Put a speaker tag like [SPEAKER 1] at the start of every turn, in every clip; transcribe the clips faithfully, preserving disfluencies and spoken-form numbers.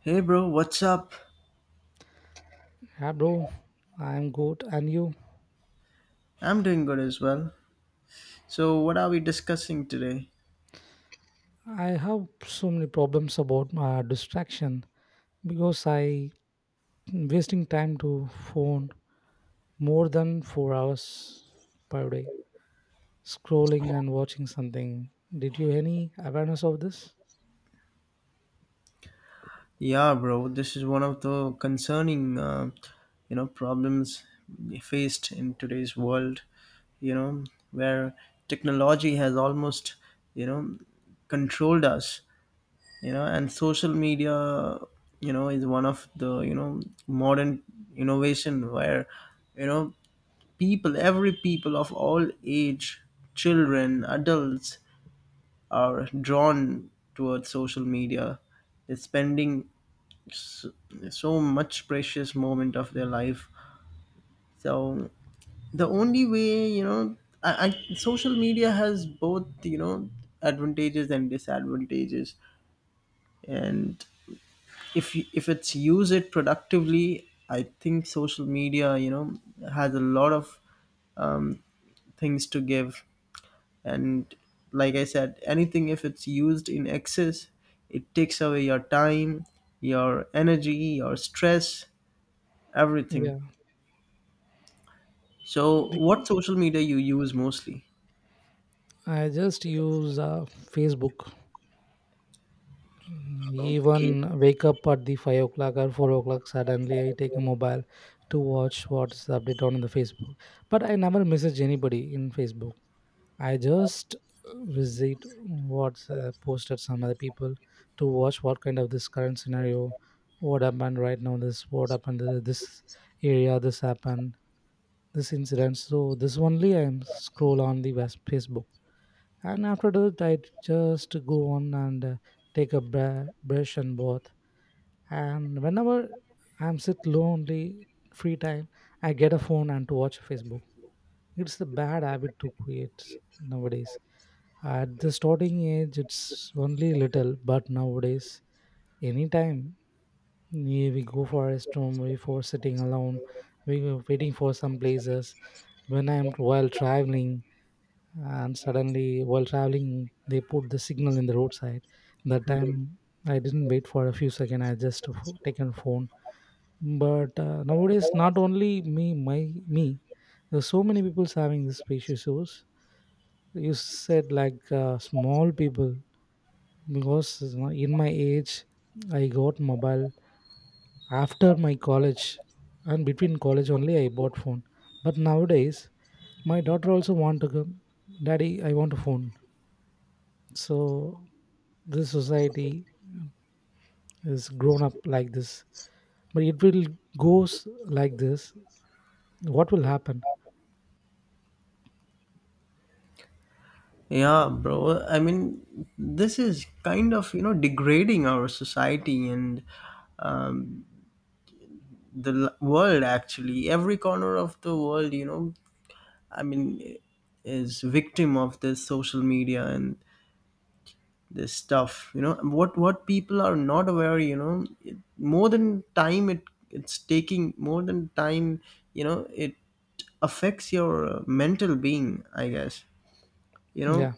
[SPEAKER 1] Hey bro, what's up?
[SPEAKER 2] Yeah, bro, I'm good. And you?
[SPEAKER 1] I'm doing good as well. So, what are we discussing today?
[SPEAKER 2] I have so many problems about uh, distraction because I wasting time to phone more than four hours per day, scrolling and watching something. Did you any awareness of this?
[SPEAKER 1] Yeah, bro, this is one of the concerning, uh, you know, problems faced in today's world, you know, where technology has almost, you know, controlled us, you know, and social media, you know, is one of the, you know, modern innovation where, you know, people, every people of all age, children, adults, are drawn towards social media. They're spending so, so much precious moment of their life. So the only way, you know, I, I, social media has both, you know, advantages and disadvantages. And if you, if it's use it productively, I think social media, you know, has a lot of um, things to give. And like I said, anything if it's used in excess, it takes away your time, your energy, your stress, everything.
[SPEAKER 2] Yeah,
[SPEAKER 1] So
[SPEAKER 2] be-
[SPEAKER 1] what social media you use mostly?
[SPEAKER 2] I just use uh, Facebook.
[SPEAKER 1] Okay.
[SPEAKER 2] Even wake up at the five o'clock or four o'clock. Suddenly, I take a mobile to watch what's the update on the Facebook. But I never message anybody in Facebook. I just uh, visit what's uh, posted some other people to watch what kind of this current scenario, what happened right now, this what happened to this area, this happened, this incident. So this only I am scroll on the West Facebook, and after that I just go on and uh, take a bra- brush and bath. And whenever I'm sit lonely, free time, I get a phone and to watch Facebook. It's a bad habit to create nowadays. At the starting age, it's only little, but nowadays, anytime we we go for a storm, we for sitting alone, we were waiting for some places. When I'm while traveling, and suddenly while traveling, they put the signal in the roadside. That time, I didn't wait for a few seconds. I just fo- taken phone, but uh, nowadays not only me my me, there's so many people's having this space issues. You said like uh, small people, because you know, in my age I got mobile after my college, and between college only I bought phone. But nowadays my daughter also want to go, daddy I want a phone. So this society is grown up like this, but it will goes like this, what will happen.
[SPEAKER 1] Yeah, bro, I mean this is kind of you know degrading our society, and um, the l- world, actually every corner of the world, you know I mean, is victim of this social media. And this stuff, you know what what people are not aware, you know it, more than time it it's taking more than time. you know it affects your uh, mental being, I guess, you know
[SPEAKER 2] Yeah,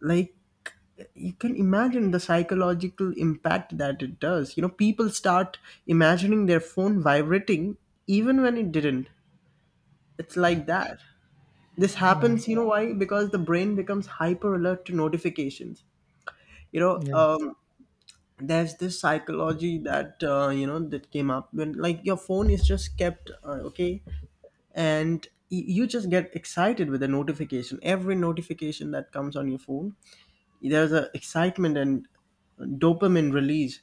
[SPEAKER 1] like you can imagine the psychological impact that it does. you know people start imagining their phone vibrating even when it didn't. It's like that. This
[SPEAKER 2] yeah,
[SPEAKER 1] happens, you know why? Because the brain becomes hyper alert to notifications. you know
[SPEAKER 2] yeah,
[SPEAKER 1] um, there's this psychology that uh, you know that came up when like your phone is just kept uh, okay. And y- you just get excited with the notification every notification that comes on your phone. There's a excitement and dopamine release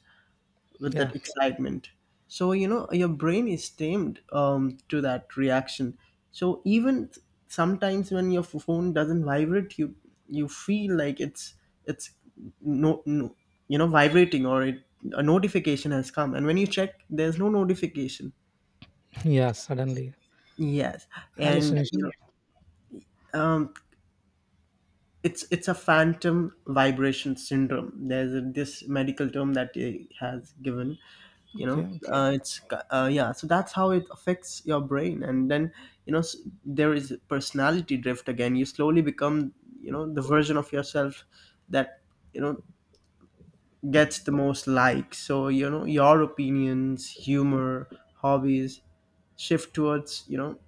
[SPEAKER 1] with
[SPEAKER 2] yeah.
[SPEAKER 1] that excitement. So you know your brain is tamed um, to that reaction. So even th- sometimes when your f- phone doesn't vibrate, you you feel like it's it's no, no, you know vibrating, or it, a notification has come. And when you check there's no notification.
[SPEAKER 2] Yeah, suddenly
[SPEAKER 1] Yes. And you know
[SPEAKER 2] hallucination.
[SPEAKER 1] um, it's it's a phantom vibration syndrome. There's a, this medical term that it has given, you know
[SPEAKER 2] Okay.
[SPEAKER 1] okay. uh, it's uh, yeah, so that's how it affects your brain. And then you know s- there is personality drift. Again, you slowly become you know the version of yourself that you know gets the most likes. So you know your opinions, humor, hobbies shift towards you know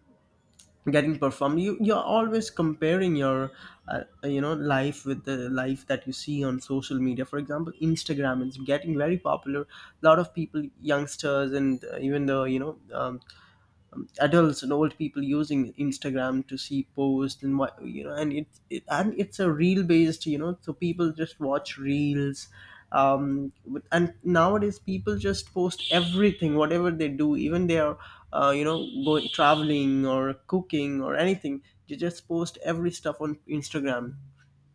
[SPEAKER 1] getting performed. You you're always comparing your uh, you know life with the life that you see on social media. For example, Instagram is getting very popular. A lot of people, youngsters, and uh, even the you know um, adults and old people using Instagram to see posts and what you know, and it, it and it's a reel based, you know, so people just watch reels. Um, with- and nowadays people just post everything, whatever they do, even they are, uh, you know, going traveling or cooking or anything. They just post every stuff on Instagram,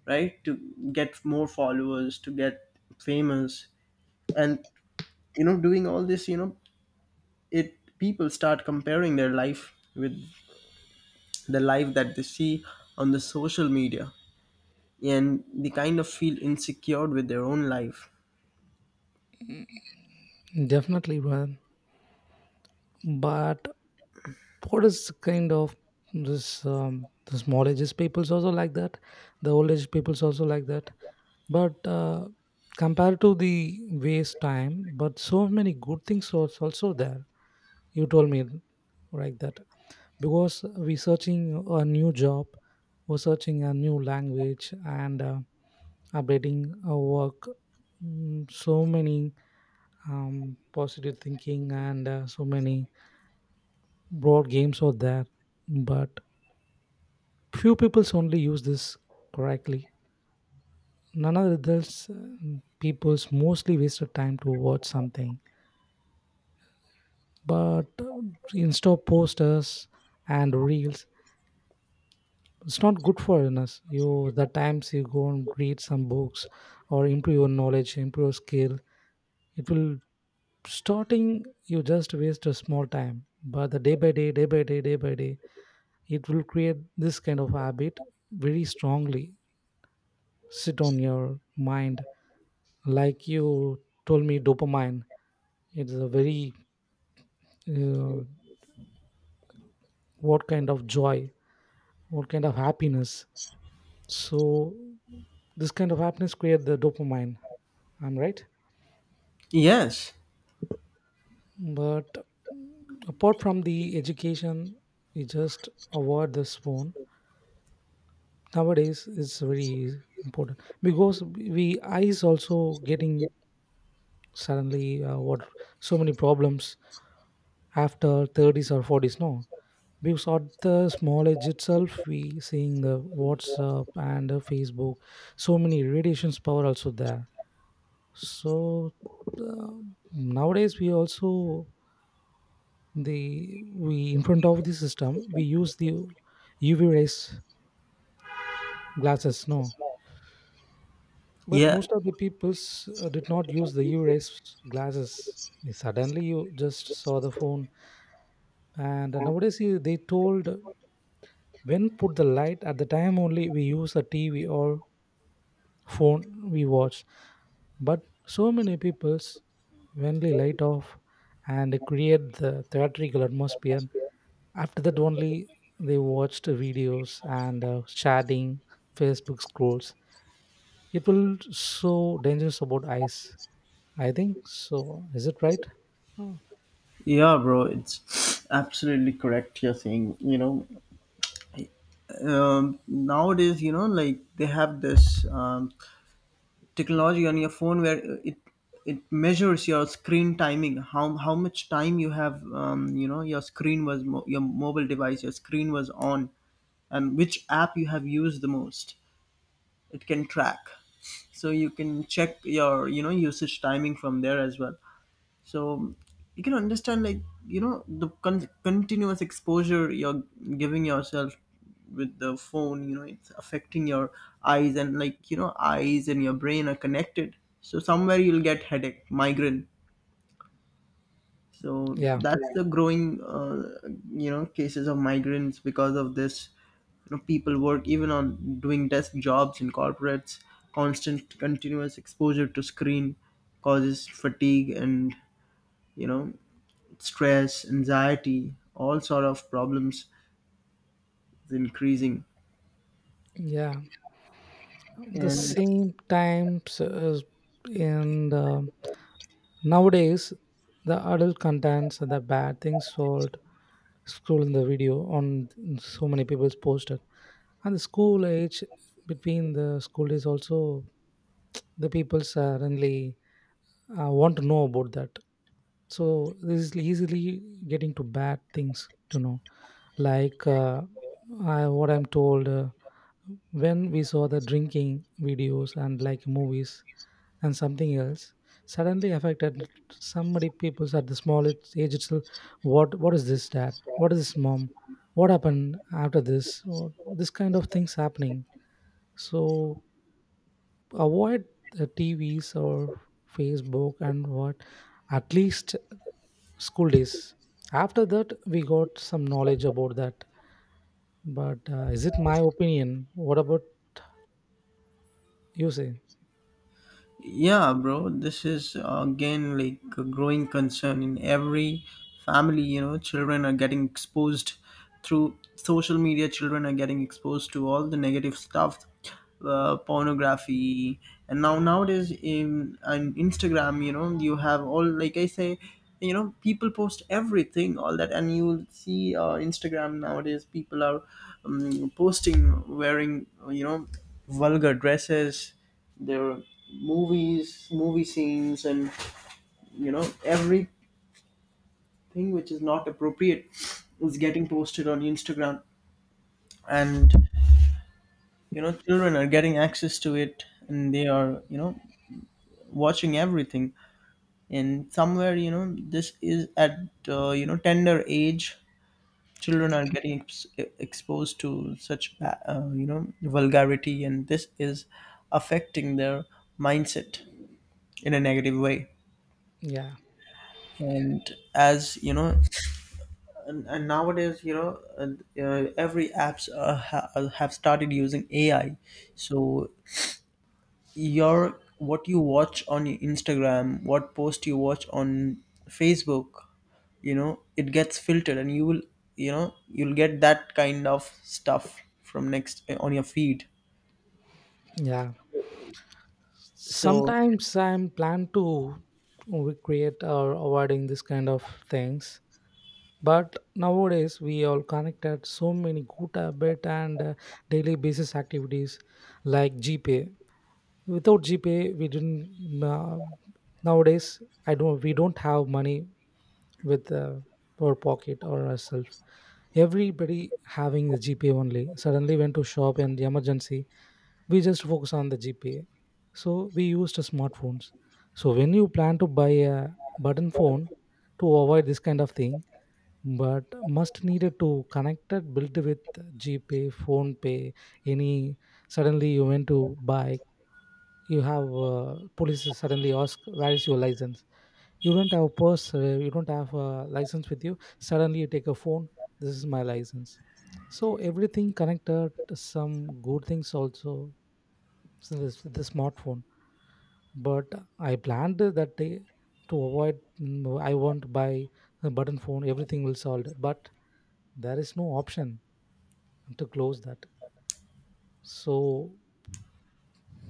[SPEAKER 1] right, to get more followers, to get famous, and you know, doing all this, you know, it people start comparing their life with the life that they see on the social media. And they kind of feel insecure with their own life.
[SPEAKER 2] Definitely, brother. But what is kind of this um, the small ages peoples also like that, the old age peoples also like that. But uh, compared to the waste time, but so many good things was also there, you told me, like that. Because we searching a new job, we're searching a new language and uh, updating our work. Mm, so many um, positive thinking and uh, so many broad games are there. But few peoples only use this correctly. None of the adults, uh, peoples mostly wasted time to watch something. But uh, Insta posters and reels, it's not good for us. You the times you go and read some books or improve your knowledge, improve your skill. It will starting you just waste a small time. But the day by day, day by day, day by day, it will create this kind of habit very strongly. Sit on your mind, like you told me dopamine, it's a very uh, what kind of joy, what kind of happiness. So this kind of happiness create the dopamine, I'm right?
[SPEAKER 1] Yes.
[SPEAKER 2] But apart from the education, we just avoid this phone. Nowadays it's very important, because we eyes also getting suddenly uh, what, so many problems after thirties or forties no, because at the small edge itself we seeing the WhatsApp and the Facebook, so many radiations power also there. So uh, nowadays we also the we in front of the system we use the U V rays glasses no, but
[SPEAKER 1] Yeah.
[SPEAKER 2] most of the peoples uh, did not use the U V rays glasses. Suddenly you just saw the phone, and nowadays you- they told when put the light at the time only we use a TV or phone we watch. But so many people's only light off and create the theatrical atmosphere. After that only they watched videos and uh, chatting, Facebook scrolls, it will so dangerous about eyes, I think so, is it right? Oh.
[SPEAKER 1] Yeah, bro, it's absolutely correct you're saying, you know um, nowadays you know like they have this um, technology on your phone where it it measures your screen timing, how how much time you have, um, you know your screen was mo- your mobile device, your screen was on, and which app you have used the most. It can track. So you can check your you know usage timing from there as well. So you can understand, like, you know the con- continuous exposure you're giving yourself with the phone. you know it's affecting your eyes, and like you know eyes and your brain are connected, so somewhere you'll get headache, migraine. So
[SPEAKER 2] Yeah,
[SPEAKER 1] that's the growing, uh, you know, cases of migrants because of this. You know, people work even on doing desk jobs in corporates. Constant, continuous exposure to screen causes fatigue and you know stress, anxiety, all sort of problems is increasing.
[SPEAKER 2] yeah, the
[SPEAKER 1] And
[SPEAKER 2] same times as in the nowadays the adult contents the bad things sold scroll in the video on, so many people's posted, and the school age, between the school days also, the people's suddenly uh, want to know about that. So this is easily getting to bad things to know, like uh, I, what I'm told, uh, when we saw the drinking videos and like movies and something else, suddenly affected somebody peoples at the smallest age itself. what what is this dad, what is this mom, what happened after this, or this kind of things happening. So avoid the T V's or Facebook and what, at least school days. After that, we got some knowledge about that. But uh, is it my opinion? What about you say?
[SPEAKER 1] yeah, bro, this is uh, again like a growing concern in every family. You know, children are getting exposed through social media. Children are getting exposed to all the negative stuff, uh, pornography. And now nowadays in on Instagram, you know, you have all, like I say, you know, people post everything, all that. And you'll see uh, Instagram nowadays people are um, posting, wearing, you know, vulgar dresses. There were movies movie scenes and you know everything which is not appropriate is getting posted on Instagram. And you know children are getting access to it, and they are you know watching everything. And somewhere you know this is at uh, you know tender age, children
[SPEAKER 2] Okay.
[SPEAKER 1] are getting ex- exposed to such ba- uh, you know vulgarity, and this is affecting their mindset in a negative way.
[SPEAKER 2] Yeah,
[SPEAKER 1] And as you know, and, and nowadays, you know uh, uh, every apps uh, ha- uh, have started using A I. So your, what you watch on your Instagram, what post you watch on Facebook, you know it gets filtered. And you will you know you'll get that kind of stuff from next uh, on your feed.
[SPEAKER 2] yeah.
[SPEAKER 1] So
[SPEAKER 2] Sometimes I'm plan to recreate or avoiding this kind of things. But nowadays we all connected so many good habit and uh, daily basis activities like G P A. Without gpay we didn't mm, uh, nowadays I don't we don't have money with uh, our pocket or ourselves, everybody having the gpay only. Suddenly went to shop and the emergency, we just focus on the gpay, so we used smartphones. So when you plan to buy a button phone to avoid this kind of thing, but must needed to connect it built with gpay, phone pay, any. Suddenly you went to buy, you have uh, police suddenly ask where is your license, you don't have a purse, uh, you don't have a license with you, suddenly you take a phone, this is my license. So everything connected to some good things also, so this the smartphone. But I planned that day to avoid, mm, I won't buy a button phone, everything will solve, but there is no option to close that. So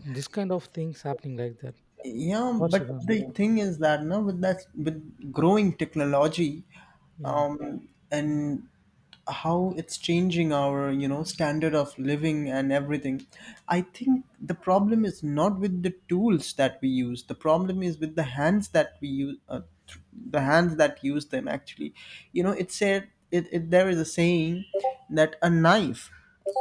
[SPEAKER 2] this kind of things happening like that.
[SPEAKER 1] yeah,
[SPEAKER 2] What's
[SPEAKER 1] but
[SPEAKER 2] even.
[SPEAKER 1] the thing is that now with that with growing technology,
[SPEAKER 2] Yeah,
[SPEAKER 1] um and how it's changing our you know standard of living and everything. I think the problem is not with the tools that we use. The problem is with the hands that we use. uh, th- the hands that use them, actually. you know it said it, it there is a saying that a knife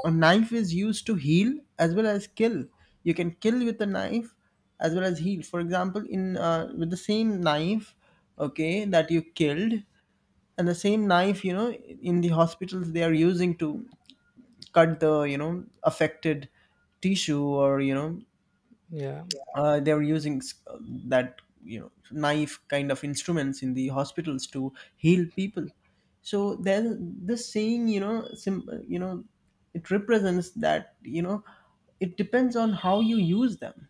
[SPEAKER 1] a knife is used to heal as well as kill. You can kill with a knife as well as heal. For example, in uh, with the same knife, okay, that you killed. And the same knife, you know in the hospitals they are using to cut the you know affected tissue, or you know
[SPEAKER 2] yeah.
[SPEAKER 1] uh, they're using s- that you know knife kind of instruments in the hospitals to heal people. So there's this saying, you know sim- you know it represents that you know it depends on how you use them.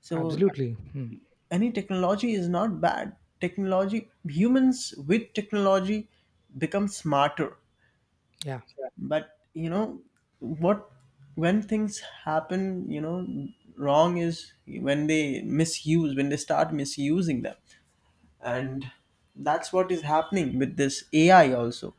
[SPEAKER 1] So
[SPEAKER 2] Absolutely. Hmm.
[SPEAKER 1] any technology is not bad. Technology, humans with technology, become smarter.
[SPEAKER 2] Yeah.
[SPEAKER 1] But you know what, when things happen, you know wrong is when they misuse, when they start misusing them. And that's what is happening with this A I also.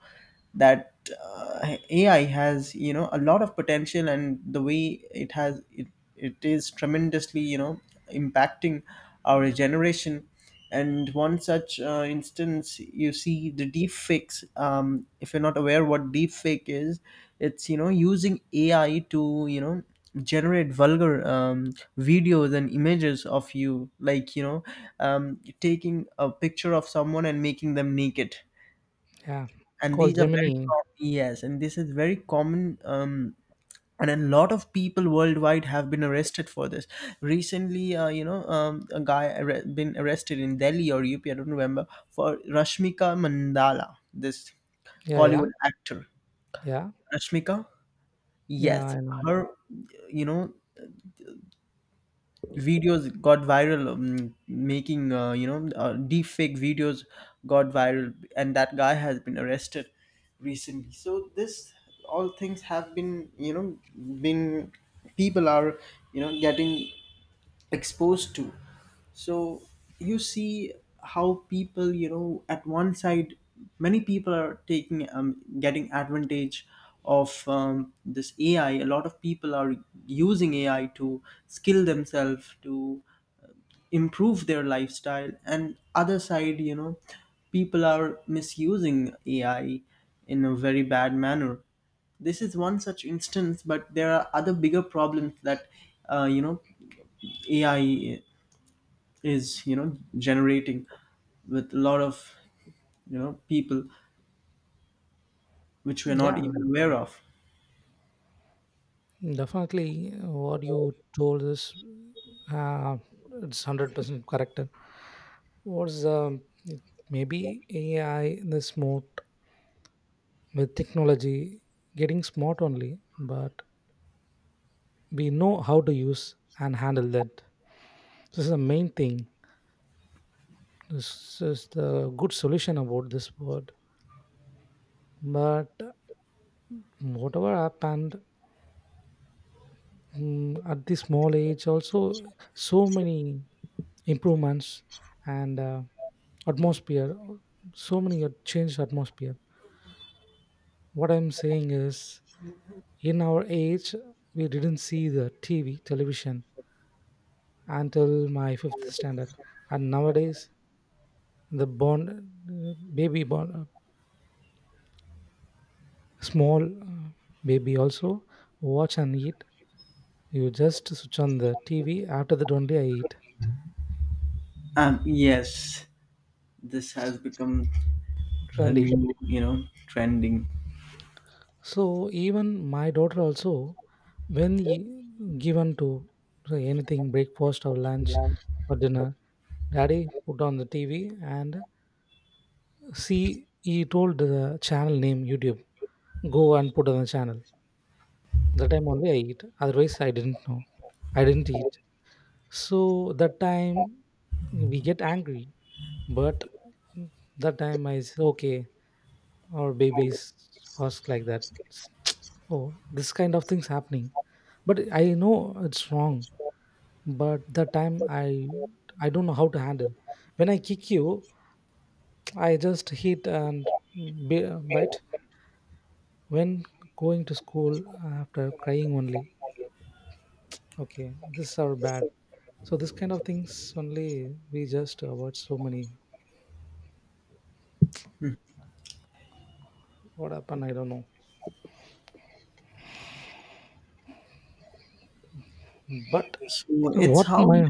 [SPEAKER 1] That uh, A I has, you know a lot of potential, and the way it has it, it is tremendously you know impacting our generation. And one such uh, instance, you see the deep fakes. um, if you're not aware what deep fake is, it's you know using A I to you know generate vulgar, um, videos and images of you, like you know um, taking a picture of someone and making them naked.
[SPEAKER 2] Yeah.
[SPEAKER 1] And these
[SPEAKER 2] Called
[SPEAKER 1] are very
[SPEAKER 2] Gemini.
[SPEAKER 1] com- yes, and this is very common, um, and a lot of people worldwide have been arrested for this recently. uh, you know um, a guy arre- been arrested in Delhi or U P, I don't remember, for Rashmika Mandala, this
[SPEAKER 2] Yeah. Yeah.
[SPEAKER 1] Kollywood actor.
[SPEAKER 2] Yeah.
[SPEAKER 1] Rashmika?
[SPEAKER 2] Yeah,
[SPEAKER 1] Yes.
[SPEAKER 2] I know.
[SPEAKER 1] Her, you know, videos got viral, um, making uh, you know uh, deep fake videos got viral, and that guy has been arrested recently. So this all things have been, you know been people are you know getting exposed to. So you see how people, you know at one side, many people are taking um, getting advantage of, um, this A I. A lot of people are using A I to skill themselves, to improve their lifestyle. And other side, you know people are misusing A I in a very bad manner. This is one such instance, but there are other bigger problems that uh, you know A I is you know generating with a lot of you know people, which we're not even
[SPEAKER 2] Yeah.
[SPEAKER 1] aware of.
[SPEAKER 2] Definitely. What you told is, uh, it's hundred percent correct. Was um, it- maybe A I in the smart with technology getting smart only, but we know how to use and handle that. This is the main thing. This is the good solution about this word. But whatever happened, mm, at this small age also so many improvements and uh, atmosphere, so many had changed atmosphere. What I'm saying is, in our age we didn't see the T V television until my fifth standard. And nowadays the born uh, baby born, uh, small uh, baby also watch and eat. You just switch on the T V, after that only I eat.
[SPEAKER 1] Um, yes, this
[SPEAKER 2] It's
[SPEAKER 1] has become a
[SPEAKER 2] trendy.
[SPEAKER 1] new you know trending.
[SPEAKER 2] So even my daughter also, when y- given to anything, breakfast or lunch or dinner, daddy put on the T V, and see he told the channel name YouTube. Go and put on the channel. That time only I eat, otherwise I didn't know, I didn't eat. So that time we get angry. But that time I said okay, our babies ask like that. Oh, this kind of things happening, but I know it's wrong. But the time i i don't know how to handle. When I kick you, I just hit and b- bite. When going to school, after crying only, okay, this are bad. So this kind of things only we just avoid so many, what happened I don't know. But
[SPEAKER 1] So it's
[SPEAKER 2] what
[SPEAKER 1] how
[SPEAKER 2] my.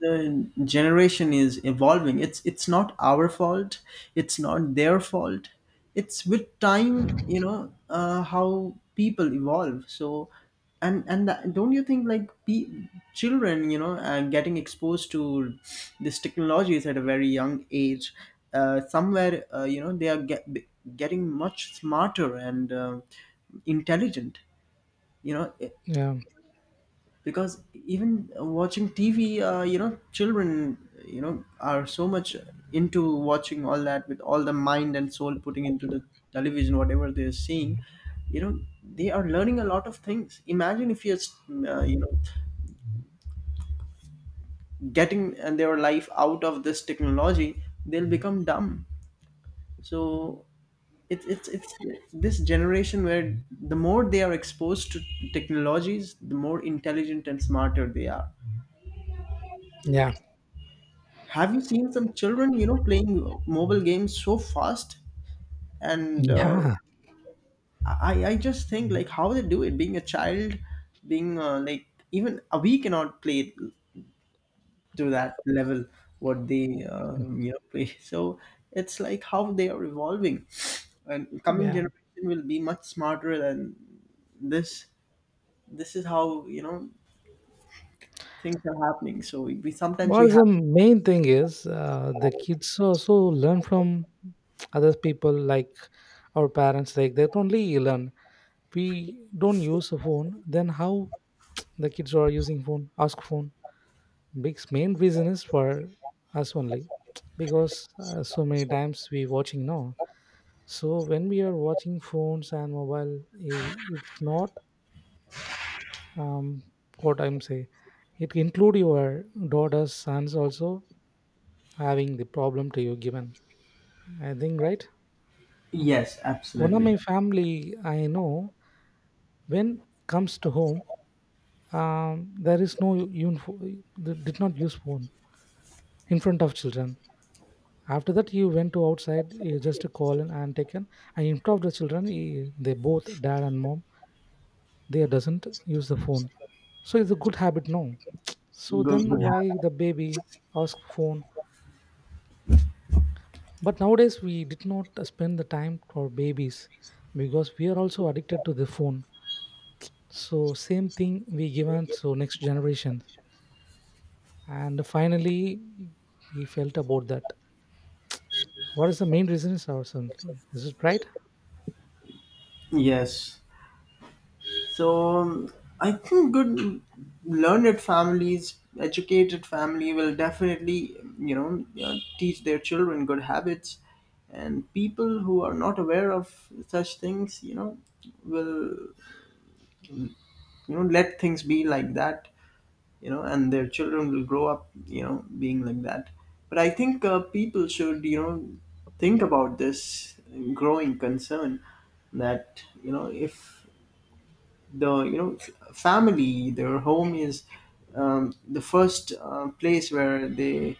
[SPEAKER 1] the generation is evolving. It's it's not our fault. It's not their fault. It's with time, you know, uh, how people evolve. So, and and that, don't you think like pe- children, you know, uh, getting exposed to these technologies at a very young age, uh, somewhere, uh, you know, they are get, getting much smarter and uh, intelligent. You know,
[SPEAKER 2] Yeah,
[SPEAKER 1] because even watching T V, uh, you know children you know are so much into watching all that, with all the mind and soul putting into the television, whatever they're seeing, you know they are learning a lot of things. Imagine if you're uh, you know getting uh, their life out of this technology, they'll become dumb. So it's it's it's this generation where the more they are exposed to technologies, the more intelligent and smarter they are.
[SPEAKER 2] yeah,
[SPEAKER 1] Have you seen some children you know playing mobile games so fast? And uh,
[SPEAKER 2] yeah,
[SPEAKER 1] I i just think like how they do it, being a child, being uh, like even uh, we cannot play to that level what they um, you know play. So it's like how they are evolving, and coming
[SPEAKER 2] yeah.
[SPEAKER 1] generation will be much smarter than this. This is how you know things are happening, so we, we sometimes we
[SPEAKER 2] What is
[SPEAKER 1] have.
[SPEAKER 2] the main thing is, uh, the kids also learn from other people, like our parents. Like they only learn. We don't use a phone, then how the kids are using phone? Ask phone. Big main reason is for us only, because uh, so many times we watching now. So when we are watching phones and mobile, i- it's not um, what I'm say, it include your daughters, sons also having the problem to you given. I think right.
[SPEAKER 1] Yes,
[SPEAKER 2] One of
[SPEAKER 1] absolutely.
[SPEAKER 2] my family I know, when comes to home, um, there is no uniform, they did not use phone in front of children. After that, he went to outside, he just to call and, and taken. And in front of the children, he, they both dad and mom, they doesn't use the phone. So it's a good habit, no? So
[SPEAKER 1] Good
[SPEAKER 2] then
[SPEAKER 1] good
[SPEAKER 2] why
[SPEAKER 1] habit.
[SPEAKER 2] the baby ask phone? But nowadays we did not spend the time for babies because we are also addicted to the phone, so same thing we given, so next generation. And finally we felt about that what is the main reasons, or something, is it right?
[SPEAKER 1] Yes. So um, I think good learned families, educated family will definitely, you know, uh, teach their children good habits. And people who are not aware of such things, you know, will you know let things be like that, you know, and their children will grow up, you know, being like that. But I think uh, people should, you know, think about this growing concern. That you know if the you know family, their home is um, the first uh, place where they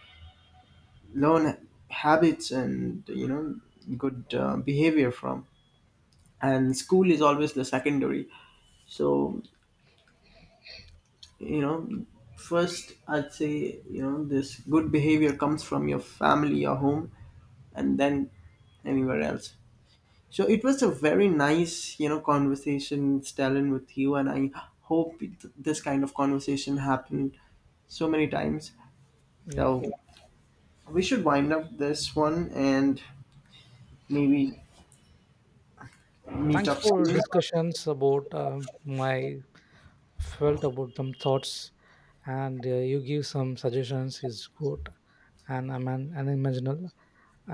[SPEAKER 1] learn habits and you know good uh, behavior from. And school is always the secondary. So you know first I'd say you know this good behavior comes from your family, your home, and then anywhere else. So it was a very nice, you know, conversation, Stalin, with you, and I hope it, this kind of conversation happened so many times. So
[SPEAKER 2] Yeah.
[SPEAKER 1] we should wind up this one and maybe meet
[SPEAKER 2] Thanks
[SPEAKER 1] up
[SPEAKER 2] for
[SPEAKER 1] soon.
[SPEAKER 2] discussions about um my felt about some thoughts, and uh, you give some suggestions is good. And I'm an unimaginable,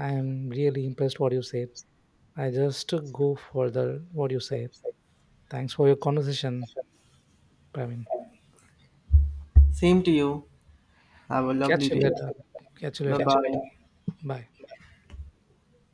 [SPEAKER 2] I am really impressed what you said. I just go for the what you said. Thanks for your conversation, Pravin.
[SPEAKER 1] Same to you. Have a
[SPEAKER 2] Catch
[SPEAKER 1] lovely
[SPEAKER 2] you
[SPEAKER 1] day.
[SPEAKER 2] later, catch you
[SPEAKER 1] Bye
[SPEAKER 2] later.
[SPEAKER 1] bye.
[SPEAKER 2] Bye.